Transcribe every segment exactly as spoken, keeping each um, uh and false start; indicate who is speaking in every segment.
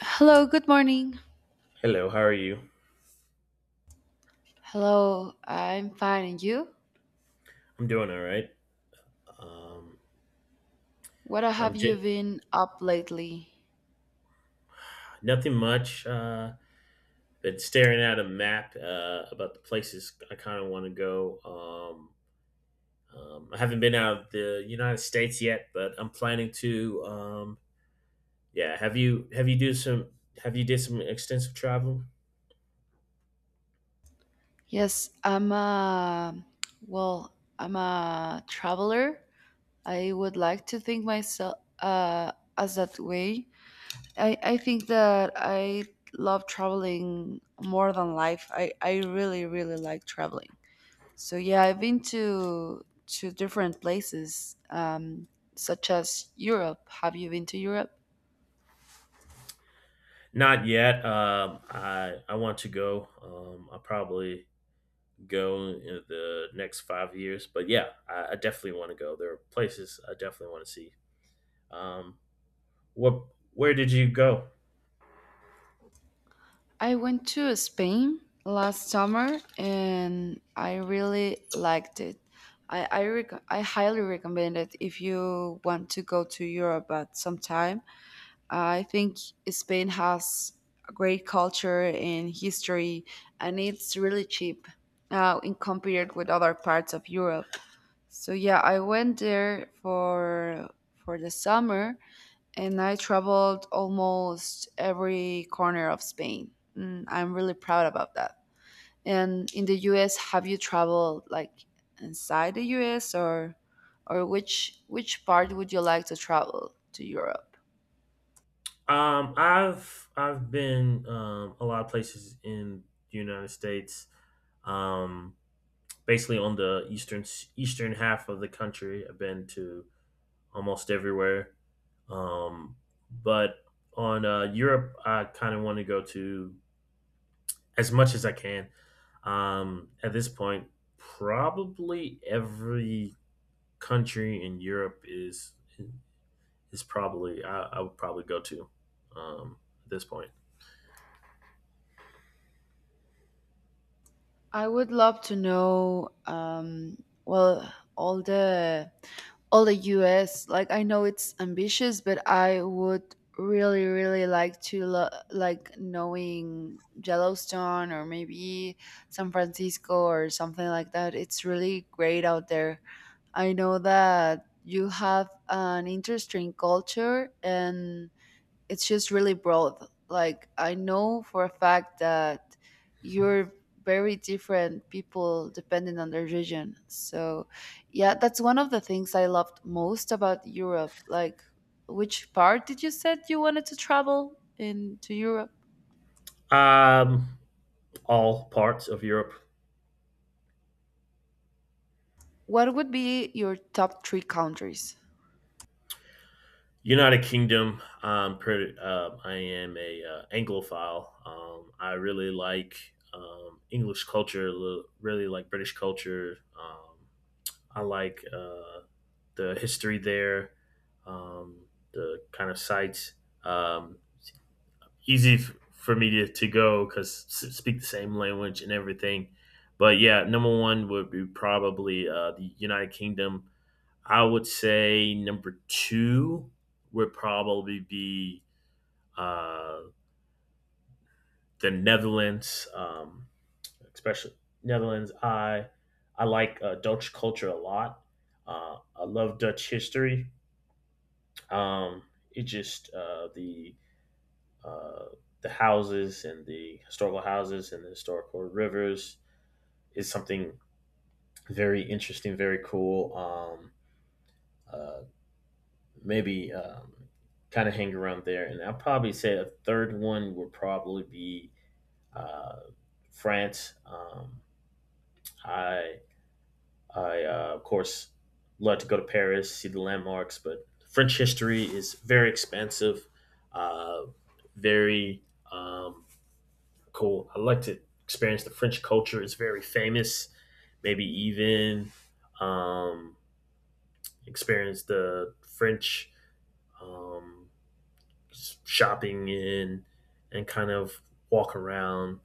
Speaker 1: Hello, good morning.
Speaker 2: Hello, how are you?
Speaker 1: Hello, I'm fine. And you?
Speaker 2: I'm doing all right. Um,
Speaker 1: What
Speaker 2: I'm
Speaker 1: have you
Speaker 2: just
Speaker 1: been up lately?
Speaker 2: nothing much. Uh, been staring at a map uh, about the places I kind of want to go. Um, um, I haven't been out of the United States yet, but I'm planning to. Um, yeah, have you have you do some have you did some extensive travel?
Speaker 1: Yes, I'm a, well, I'm a traveler. I would like to think myself uh, as that way. I, I think that I love traveling more than life. I, I really, really like traveling. So yeah, I've been to to different places, um, such as Europe. Have you been to Europe?
Speaker 2: Not yet. Um, I I want to go. Um, I'll probably go in the next five years, but yeah, I, I definitely want to go. There are places I definitely want to see. Um, What? Where did you go?
Speaker 1: I went to Spain last summer and I really liked it. I I, rec- I highly recommend it if you want to go to Europe at some time. I think Spain has a great culture and history, and it's really cheap uh, in compared with other parts of Europe. So yeah, I went there for for the summer, and I traveled almost every corner of Spain. Mm, I'm really proud about that. And in the U S, have you traveled like inside the U S, or or which which part would you like to travel to Europe?
Speaker 2: Um, I've I've been um, a lot of places in the United States. Um, basically on the eastern eastern half of the country. I've been to almost everywhere. Um, but on uh, Europe, I kind of want to go to as much as I can. Um, at this point, probably every country in Europe is is probably I, I would probably go to um, at this point.
Speaker 1: I would love to know um, well all the all the U S. Like I know it's ambitious, but I would really really like to lo- like knowing Yellowstone, or maybe San Francisco, or something like that. It's really great out there. I know that you have an interesting culture, and it's just really broad. Like I know for a fact that you're very different people depending on their region. So yeah, that's one of the things I loved most about Europe. Like which part did you said you wanted to travel into Europe?
Speaker 2: Um, all parts of Europe,
Speaker 1: What would be your top three countries?
Speaker 2: United Kingdom. Um, pretty, uh, I am a uh, Anglophile. Um, I really like um, English culture. Really like British culture. Um, I like uh, the history there. Um, the kind of sites. Um, easy f- for me to, to go because s- speak the same language and everything. But yeah, number one would be probably uh, the United Kingdom. I would say number two would probably be uh, the Netherlands, um, especially Netherlands. I I like uh, Dutch culture a lot. Uh, I love Dutch history. Um, it just uh, the uh, the houses and the historical houses and the historical rivers is something very interesting, very cool. Um, uh, maybe um, kind of hang around there. And I'll probably say a third one would probably be uh, France. Um, I, I uh, of course, love to go to Paris, see the landmarks, but French history is very expansive, uh, very um, cool. I like to experience the French culture. It's very famous. Maybe even um, experience the French um, shopping in and kind of walk around.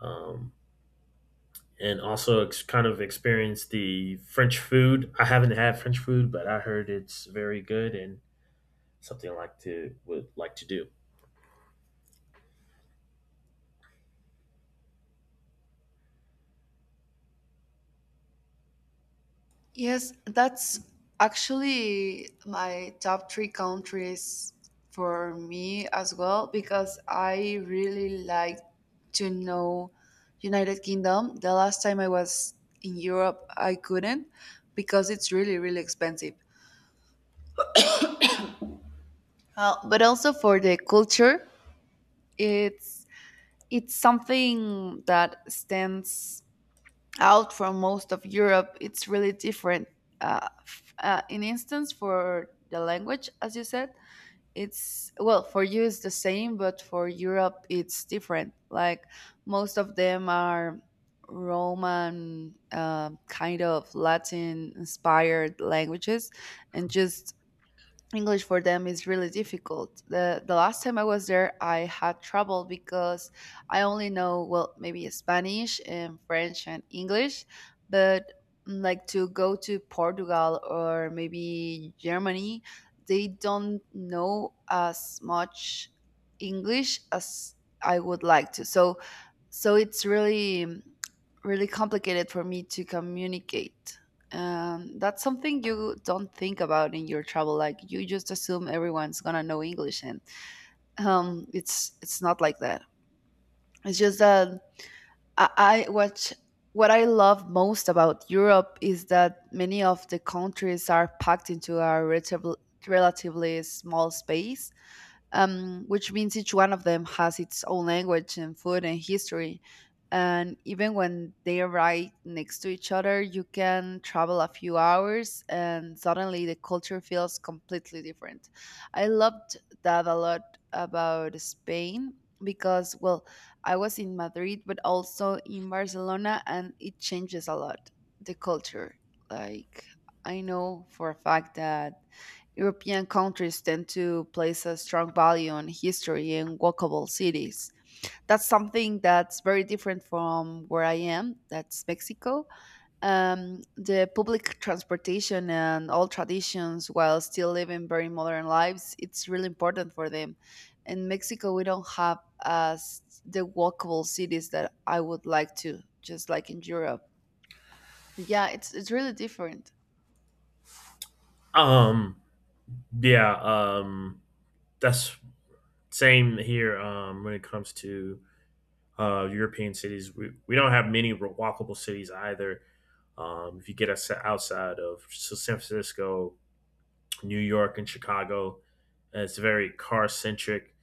Speaker 2: Um, and also ex- kind of experience the French food. I haven't had French food, but I heard it's very good and something I like to would like to do.
Speaker 1: Yes, that's actually my top three countries for me as well, because I really like to know United Kingdom. The last time I was in Europe, I couldn't, because it's really really expensive. Uh, but also for the culture, it's it's something that stands out from most of Europe. It's really different. Uh, f- uh, in instance, for the language, as you said, it's well for you it's the same, but for Europe it's different. Like most of them are Roman, uh, kind of Latin inspired languages, and just English for them is really difficult. The the last time I was there, I had trouble because I only know well maybe Spanish and French and English, but mm, like to go to Portugal or maybe Germany, they don't know as much English as I would like to. So so it's really mm, really complicated for me to communicate. Um, that's something you don't think about in your travel. Like you just assume everyone's gonna know English, and um, it's it's not like that. It's just that I, I watch. What I love most about Europe is that many of the countries are packed into a relatively relatively small space, um, which means each one of them has its own language and food and history. And even when they are right next to each other, you can travel a few hours and suddenly the culture feels completely different. I loved that a lot about Spain because, well, I was in Madrid, but also in Barcelona, and it changes a lot the culture. Like, I know for a fact that European countries tend to place a strong value on history and walkable cities. That's something that's very different from where I am, that's Mexico. Um, the public transportation and all traditions, while still living very modern lives, it's really important for them. In Mexico, we don't have as the walkable cities that I would like to, just like in Europe. But yeah, it's it's really different.
Speaker 2: Um, yeah, um, that's same here um, when it comes to uh, European cities. We, we don't have many walkable cities either. Um, if you get us outside of San Francisco, New York, and Chicago, it's very car centric.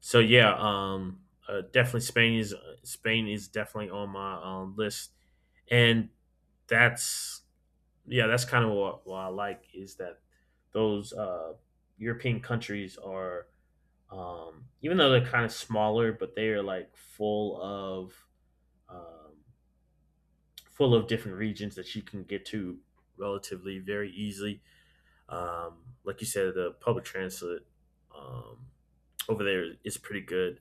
Speaker 2: So yeah, um, uh, definitely Spain is Spain is definitely on my um, list, and that's yeah, that's kind of what, what I like is that those uh, European countries are, um, even though they're kind of smaller, but they are like full of um, full of different regions that you can get to relatively very easily. Um, like you said, the public transit um, over there is pretty good.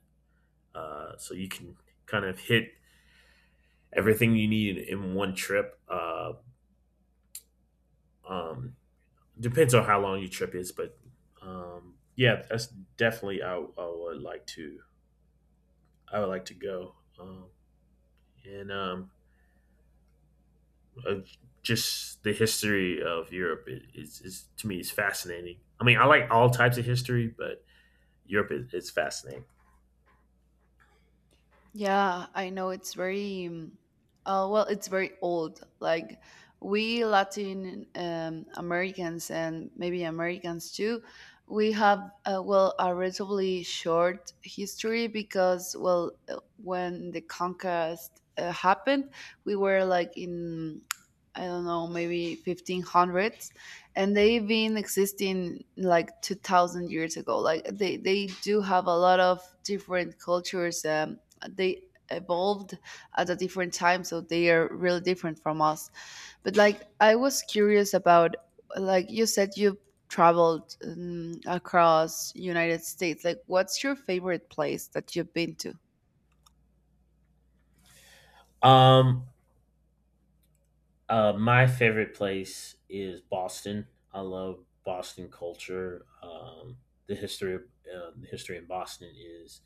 Speaker 2: Uh, so you can kind of hit everything you need in one trip. Uh, um, depends on how long your trip is, but um, yeah, that's definitely I, I would like to I would like to go. Um, and um, uh, just the history of Europe is, is, to me is fascinating. I mean, I like all types of history, but Europe is, is fascinating.
Speaker 1: Yeah, I know it's very, um, uh, well, it's very old. Like we Latin um, Americans, and maybe Americans too, we have, uh, well, a relatively short history because, well, uh, when the conquest uh, happened, we were like in, I don't know, maybe fifteen hundreds, and they've been existing like two thousand years ago. Like they, they do have a lot of different cultures. Um, they evolved at a different time, so they are really different from us. But like I was curious about, like you said you traveled um, across United States, like what's your favorite place that you've been to?
Speaker 2: Um, uh, my favorite place is Boston. I love Boston culture. Um, the history of uh, the history in Boston is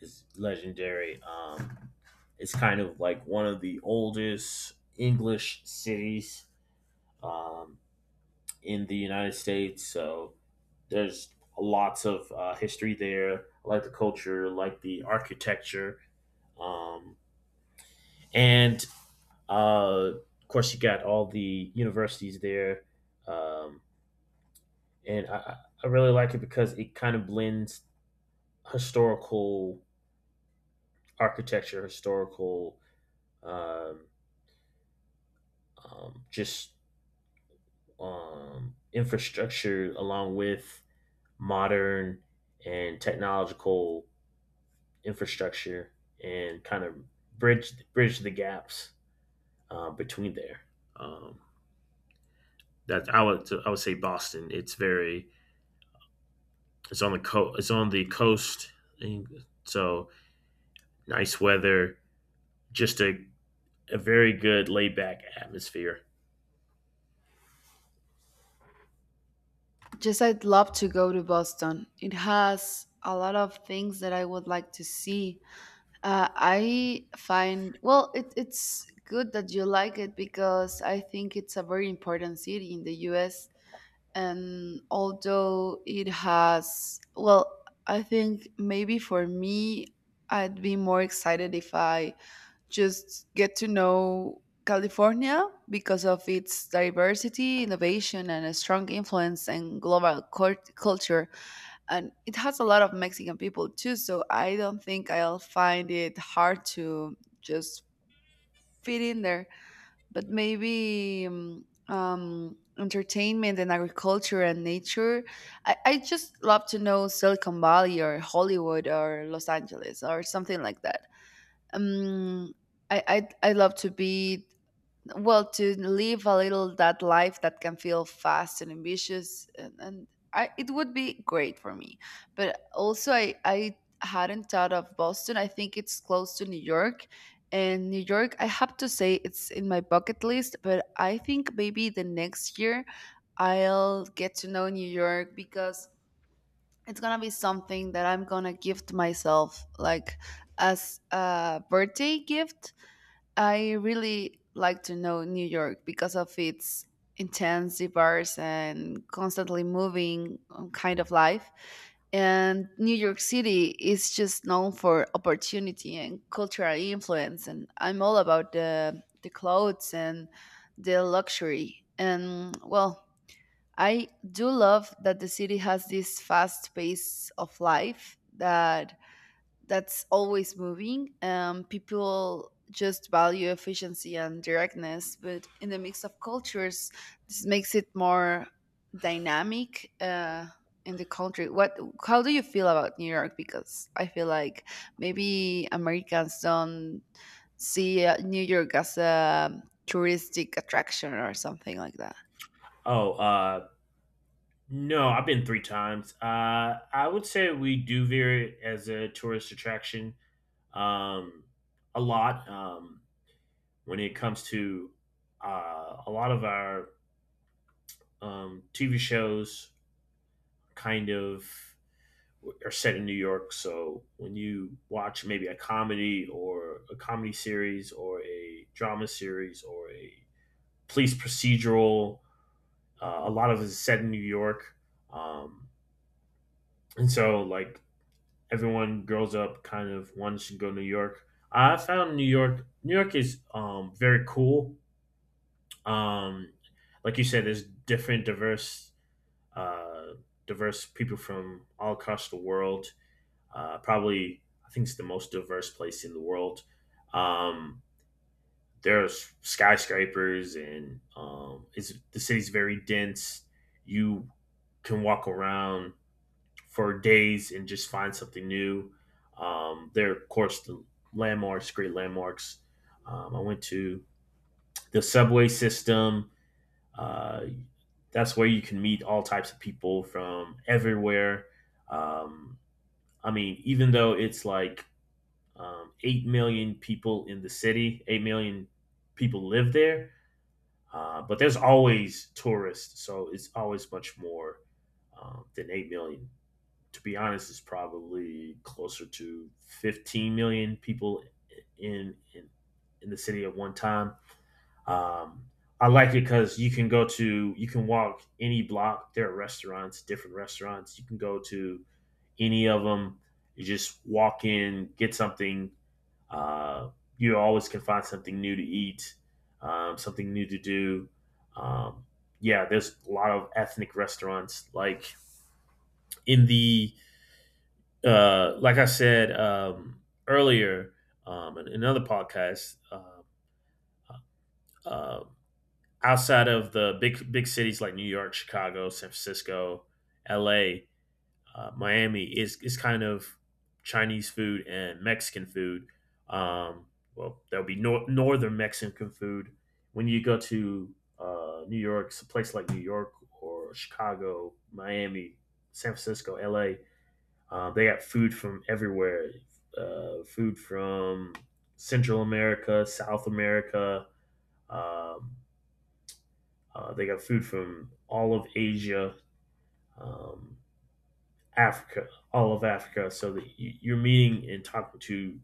Speaker 2: is legendary. Um, it's kind of like one of the oldest English cities um, in the United States. So there's lots of uh, history there. I like the culture, like the architecture, um, and uh, of course you got all the universities there. Um, and I, I really like it because it kind of blends historical architecture, historical um, um, just um, infrastructure, along with modern and technological infrastructure, and kind of bridge bridge the gaps uh, between there. Um, that I would I would say Boston. It's very it's on the co- it's on the coast, so nice weather, just a a very good laid back atmosphere.
Speaker 1: Just I'd love to go to Boston. It has a lot of things that I would like to see. uh, I find, well it, it's good that you like it, because I think it's a very important city in the US. And although it has, well, I think maybe for me I'd be more excited if I just get to know California, because of its diversity, innovation, and a strong influence and global cult- culture. And it has a lot of Mexican people too, so I don't think I'll find it hard to just fit in there. But maybe um, um, entertainment and agriculture and nature. I, I just love to know Silicon Valley, or Hollywood, or Los Angeles, or something like that. Um, I, I I love to be, well to live a little, that life that can feel fast and ambitious, and, and I, it would be great for me. But also I, I hadn't thought of Boston. I think it's close to New York, and New York I have to say it's in my bucket list, but I think maybe the next year I'll get to know New York because it's gonna be something that I'm gonna gift myself, like as a birthday gift. I really like to know New York because of its intense, diverse, and constantly moving um, kind of life. And New York City is just known for opportunity and cultural influence. And I'm all about the, the clothes and the luxury. And well, I do love that the city has this fast pace of life that that's always moving. Um, people just value efficiency and directness, but in the mix of cultures, this makes it more dynamic uh, in the country. What? How do you feel about New York? Because I feel like maybe Americans don't see uh, New York as a touristic attraction or something like that.
Speaker 2: Oh, uh, no, I've been three times. Uh, I would say we do veer it as a tourist attraction, um, a lot, um, when it comes to uh, a lot of our um, T V shows kind of are set in New York. So when you watch maybe a comedy or a comedy series or a drama series or a police procedural, uh, a lot of it is set in New York. Um, and so, like, everyone grows up kind of wants to go to New York. I found New York, New York is um, very cool. Um, like you said, there's different, diverse uh, diverse people from all across the world. Uh, probably, I think it's the most diverse place in the world. Um, there's skyscrapers, and um, it's, the city's very dense. You can walk around for days and just find something new. Um, there, of course, the landmarks, great landmarks. Um, I went to the subway system, uh, that's where you can meet all types of people from everywhere. Um, I mean, even though it's like um, eight million people in the city, eight million people live there, uh, but there's always tourists. So it's always much more, um, than eight million. To be honest, it's probably closer to fifteen million people in, in, in the city at one time. Um, I like it because you can go to, you can walk any block. There are restaurants, different restaurants. You can go to any of them. You just walk in, get something. Uh, you always can find something new to eat, um, something new to do. Um, yeah, there's a lot of ethnic restaurants. Like in the, uh, like I said um, earlier, um, in another podcast, uh, uh, outside of the big big cities like New York, Chicago, San Francisco, L A, uh, Miami is is kind of Chinese food and Mexican food. Um, well, there'll be nor- northern Mexican food. When you go to uh, New York, a place like New York or Chicago, Miami, San Francisco, L A, uh, they got food from everywhere. Uh, food from Central America, South America. Um, uh, they got food from all of Asia, um, Africa, all of Africa. So that you- are meeting and talking to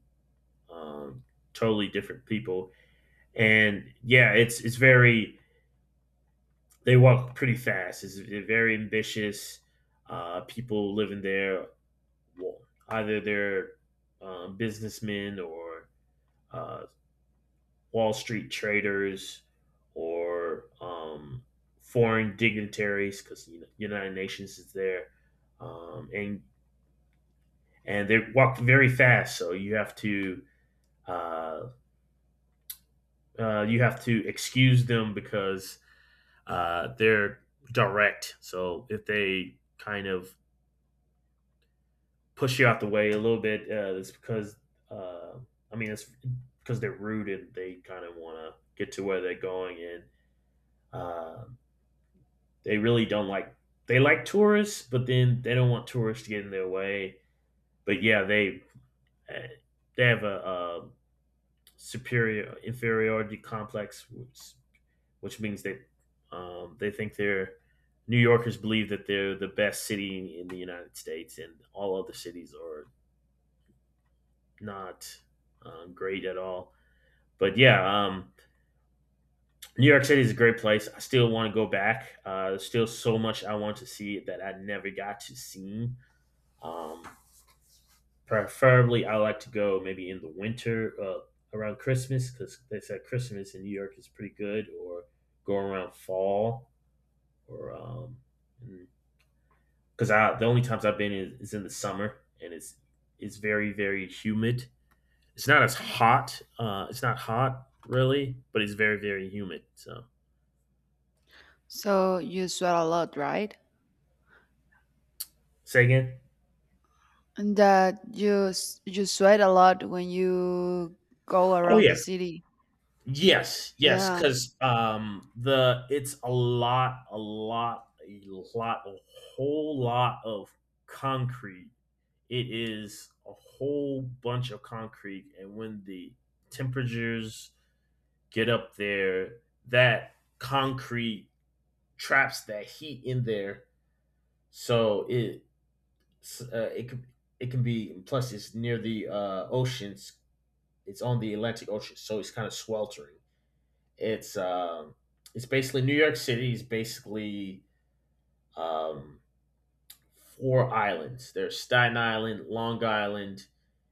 Speaker 2: um, totally different people. And yeah, it's it's very. They walk pretty fast. It's very ambitious. Uh, people living there, well, either they're um, businessmen or uh, Wall Street traders or um, foreign dignitaries because you know, United Nations is there, um, and and they walk very fast, so you have to uh, uh, you have to excuse them because uh, they're direct. So if they kind of push you out the way a little bit, uh, it's because, uh, I mean, it's because they're rude and they kind of want to get to where they're going, and. Um, They really don't like, they like tourists, but then they don't want tourists to get in their way. But yeah, they they have a, uh superior inferiority complex, which, which means that, um, they think they're New Yorkers believe that they're the best city in the United States, and all other cities are not um, great at all. But yeah, um, New York City is a great place. I still want to go back. Uh, there's still so much I want to see that I never got to see. Um, Preferably, I like to go maybe in the winter, uh, around Christmas, because they said Christmas in New York is pretty good, or go around fall, or um, because I the only times I've been is, is in the summer and it's it's very very humid. It's not as hot. Uh, it's not hot really, but it's very very humid. So
Speaker 1: So you sweat a lot, right?
Speaker 2: say again.
Speaker 1: And that you s- you sweat a lot when you go
Speaker 2: Oh
Speaker 1: around
Speaker 2: yeah,
Speaker 1: the city.
Speaker 2: yes, yes,
Speaker 1: Yeah.
Speaker 2: because um, the it's a lot, a lot, a lot, a whole lot of concrete. It is a whole bunch of concrete, and when the temperatures get up there, that concrete traps that heat in there, so it uh, it can it can be. Plus, it's near the uh, oceans. It's on the Atlantic Ocean, so it's kind of sweltering. It's um, it's basically New York City is basically um, four islands. There's Staten Island, Long Island,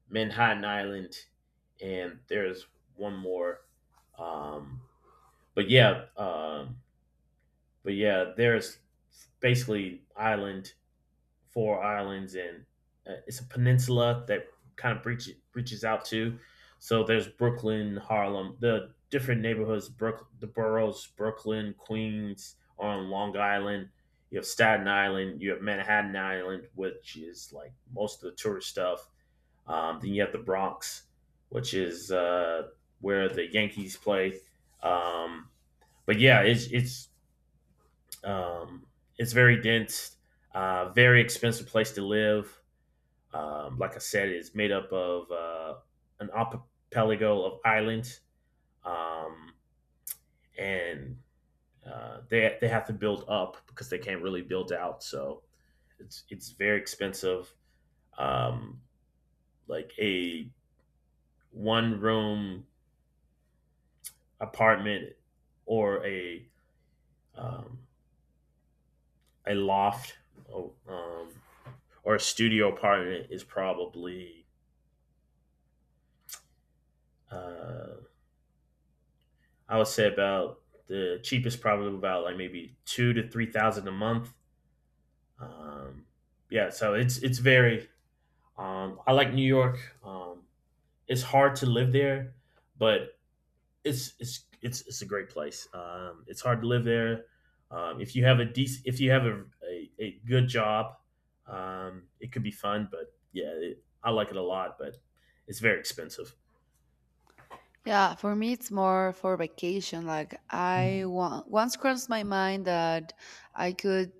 Speaker 2: Manhattan Island, and there's one more. Um, but yeah, um, but yeah, there's basically island four islands, and uh, it's a peninsula that kind of breaches reaches out to. So there's Brooklyn, Harlem, the different neighborhoods, Brook, the boroughs, Brooklyn, Queens, on Long Island. You have Staten Island, you have Manhattan Island, which is like most of the tourist stuff. Um, then you have the Bronx, which is uh, where the Yankees play. Um, but yeah, it's it's um, it's very dense, uh, very expensive place to live. Um, like I said, it's made up of uh, an archipelago of islands, um, and uh, they they have to build up because they can't really build out. So it's it's very expensive. Um, like a one room apartment or a um, a loft, or, um, or a studio apartment is probably, uh, I would say about the cheapest, probably about like maybe two to three thousand a month. Um, yeah, so it's it's very. Um, I like New York. Um, it's hard to live there, but it's it's it's it's a great place. Um, it's hard to live there. Um, if you have a decent, If you have a, a, a good job, um, it could be fun. But yeah, it, I like it a lot, but it's very expensive.
Speaker 1: Yeah, for me it's more for vacation. Like I
Speaker 2: Mhm.
Speaker 1: want, once crossed my mind that I could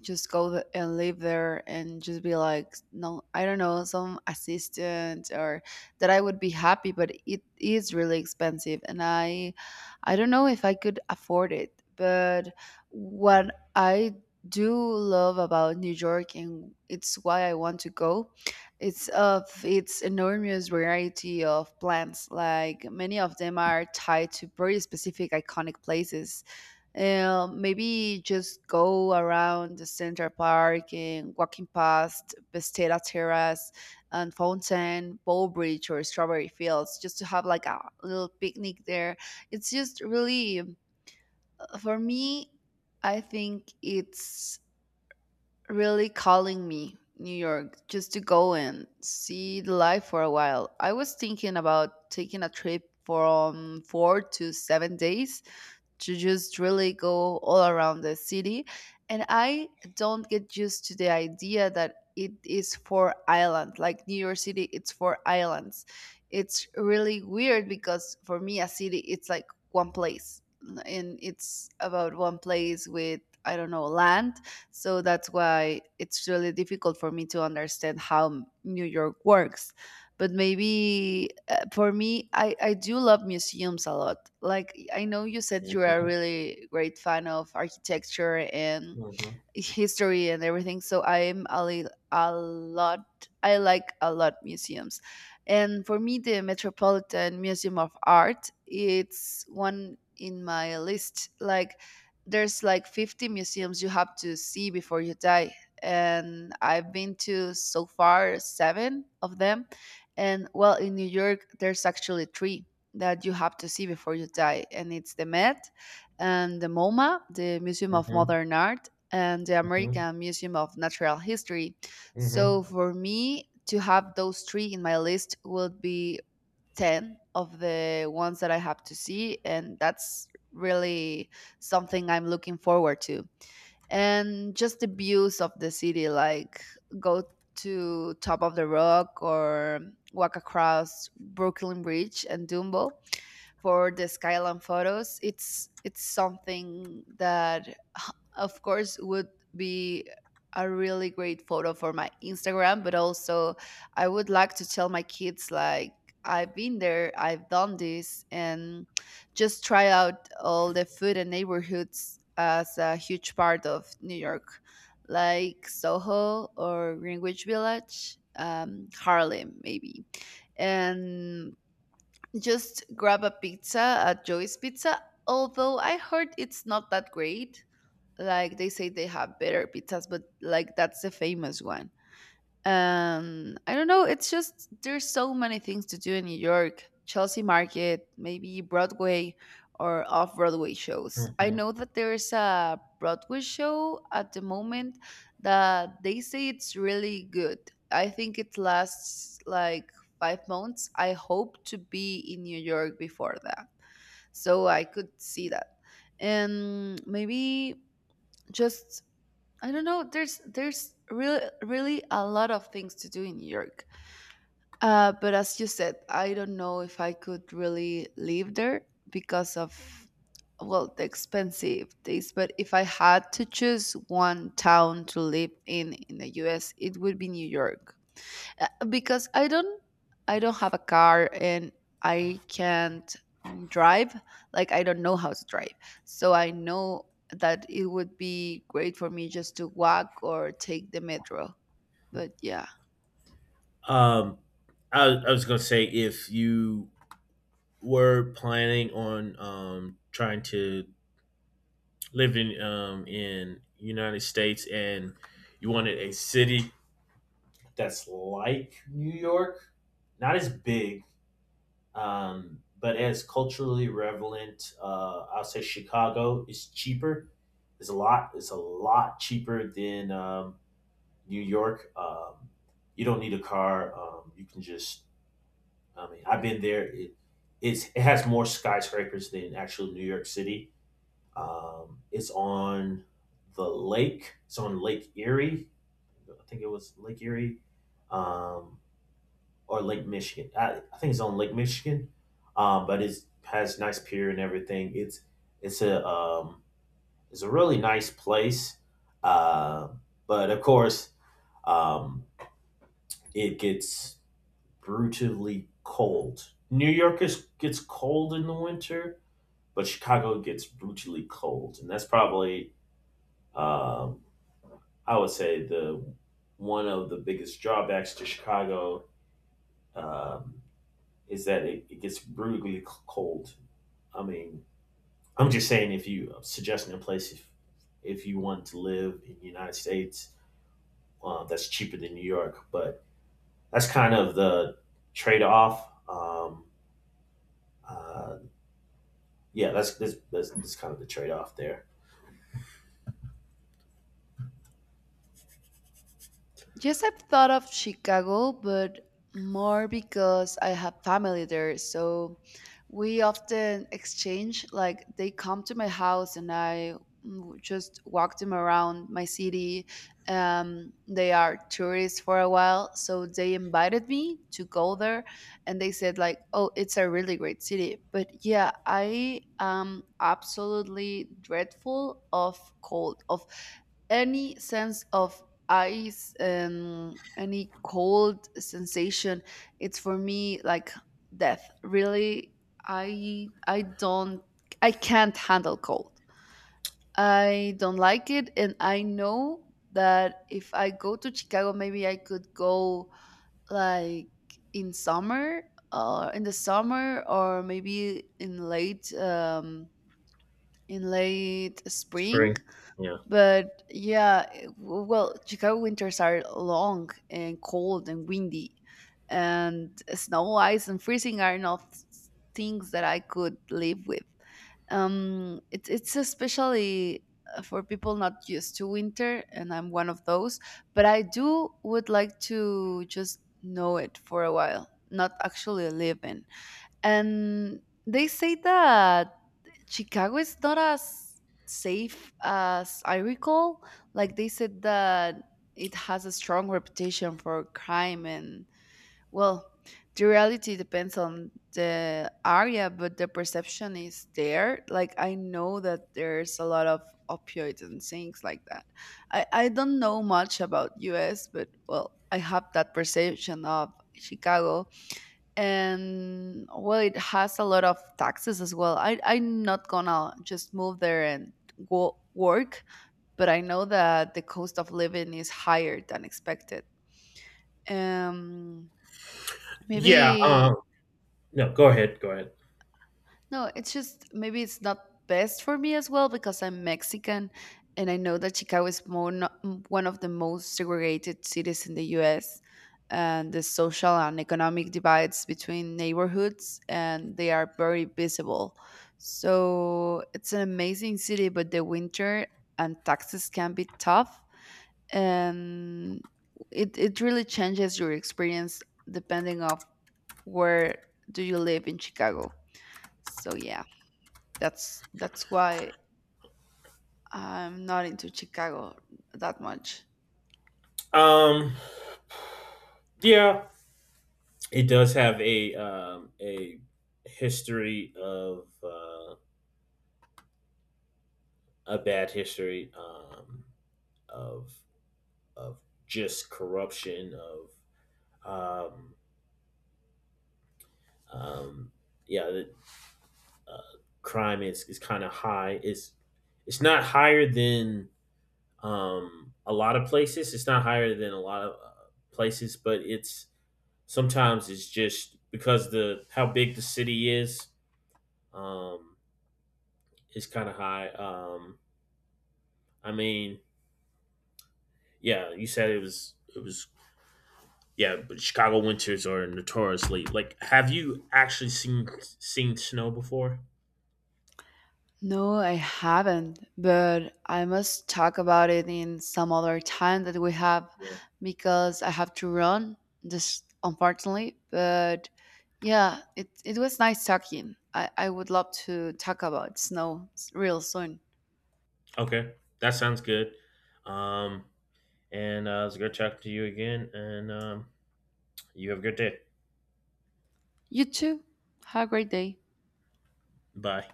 Speaker 1: just go th- and live there and just be like, no, I don't know, some assistant, or that I would be happy. But it is really expensive, and I, I don't know if I could afford it. But what I do love about New York, and it's why I want to go, it's of its enormous variety of plants, like many of them are tied to very specific iconic places. Uh, maybe just go around the Central Park and walking past Besteda Terrace and Fountain, Bowbridge, or Strawberry Fields, just to have like a little picnic there. It's just really, uh, for me, I think it's really calling me, New York, just to go and see the life for a while. I was thinking about taking a trip from four to seven days to just really go all around the city. And I don't get used to the idea that it is for island, like New York City, it's for islands. It's really weird because for me, a city, it's like one place, and it's about one place with I don't know land. So that's why it's really difficult for me to understand how New York works. But maybe uh, for me, I, I do love museums a lot. Like I know you said you're a
Speaker 2: Mhm.
Speaker 1: really great fan of architecture and
Speaker 2: Mhm.
Speaker 1: history and everything. So I'm a, li- a lot, I like a lot museums. And for me, the Metropolitan Museum of Art, it's one in my list. Like, there's like fifty museums you have to see before you die. And I've been to so far seven of them. And well, in New York, there's actually three that you have to see before you die. And it's the Met, and the MoMA, the Museum of
Speaker 2: Mhm.
Speaker 1: Modern Art, and the
Speaker 2: Mhm.
Speaker 1: American Museum of Natural History.
Speaker 2: Mhm.
Speaker 1: So for me to have those three in my list would be ten of the ones that I have to see, and that's really something I'm looking forward to. And just the views of the city, like go to Top of the Rock, or walk across Brooklyn Bridge and Dumbo for the skyline photos. it's it's something that of course would be a really great photo for my Instagram. But also I would like to tell my kids like I've been there, I've done this. And just try out all the food and neighborhoods as a huge part of New York, like SoHo or Greenwich Village, um, Harlem maybe. And just grab a pizza at Joey's Pizza, although I heard it's not that great. Like they say they have better pizzas, but like that's the famous one. Um, I don't know. It's just there's so many things to do in New York. Chelsea Market, maybe Broadway or off Broadway shows. I
Speaker 2: Mhm.
Speaker 1: know that there's a Broadway show at the moment that they say it's really good. I think it lasts like five months. I hope to be in New York before that. So I could see that. And maybe just I don't know. There's there's really really a lot of things to do in New York. Uh, but as you said, I don't know if I could really live there because of well the expensive things. But if I had to choose one town to live in in the U S, it would be New York. Uh, because I don't I don't have a car and I can't mm, drive. Like I don't know how to drive. So I know that it would be great for me just to walk or take the metro. But yeah.
Speaker 2: Um, I, I was gonna say if you were planning on um, trying to live in um, in United States and you wanted a city that's like New York, not as big, um, but as culturally relevant, uh, I'll say Chicago is cheaper. It's a lot. It's a lot cheaper than um, New York. Um, you don't need a car. Um, you can just I mean, I've been there. It it's, it has more skyscrapers than actual New York City. Um, it's on the lake. It's on Lake Erie. I think it was Lake Erie, um, or Lake Michigan. I, I think it's on Lake Michigan, um, but it has nice pier and everything. It's it's a um, it's a really nice place, uh, but of course, um, it gets brutally cold. New York is, gets cold in the winter, but Chicago gets brutally cold, and that's probably, um, I would say, the one of the biggest drawbacks to Chicago, um, is that it, it gets brutally cold. I mean, I'm just saying if you I'm suggesting a place, if if you want to live in the United States, uh, that's cheaper than New York, but that's kind of the trade off. Um, uh, yeah, that's that's, that's, that's kind of the trade off there.
Speaker 1: Yes, I've thought of Chicago, but more because I have family there. So we often exchange, like, they come to my house and I mm, just walk them around my city. Um, they are tourists for a while. So they invited me to go there and they said, like, oh, it's a really great city. But yeah, I am absolutely dreadful of cold, of any sense of ice and any cold sensation it's for me like death really i i don't I can't handle cold I don't like it and I know that if I go to Chicago maybe I could go like in summer or in the summer or maybe in late um in late spring
Speaker 2: Spring. Yeah.
Speaker 1: but yeah, eh, w- well, Chicago winters are long and cold and windy, and snow, ice, and freezing are not s- things that I could live with. Um, it, it's especially uh, for people not used to winter, and I'm one of those. But I do would like to just know it for a while, not actually live in. And they say that Chicago is not as safe as I recall. Like they said that it has a strong reputation for crime and well, the reality depends on the area, but the perception is there. Like I know that there's a lot of opioids and things like that. I, I don't know much about U S, but well, I have that perception of Chicago and well it has a lot of taxes as well I, I'm not gonna just move there and go work but I know that the cost of living is higher than expected um
Speaker 2: Yeah.
Speaker 1: maybe.
Speaker 2: Um. No. Go ahead. Go ahead.
Speaker 1: No, it's just maybe it's not best for me as well because I'm Mexican and I know that Chicago is more no- m- one of the most segregated cities in the U S and the social and economic divides between neighborhoods and they are very visible. So it's an amazing city but the winter and taxes can be tough and it it really changes your experience depending of where do you live in Chicago. So yeah. That's that's why I'm not into Chicago that much.
Speaker 2: Um. Yeah. It does have a um a history of uh, a bad history um of of just corruption, of um um yeah, the, uh, crime is is kind of high. It's it's not higher than um, a lot of places. It's not higher than a lot of uh, places, but it's sometimes, it's just because the how big the city is, um, is kind of high. Um, I mean, yeah, you said it was it was yeah, but Chicago winters are notoriously like. Have you actually seen seen snow before?
Speaker 1: No, I haven't, but I must talk about it in some other time that we have
Speaker 2: Yeah.
Speaker 1: because I have to run, just unfortunately. But yeah, it, it was nice talking. I, I would love to talk about snow real soon.
Speaker 2: Okay, that sounds good. Um, and uh, it was good talking to you again, and um, you have a good day.
Speaker 1: You too. Have a great day.
Speaker 2: Bye.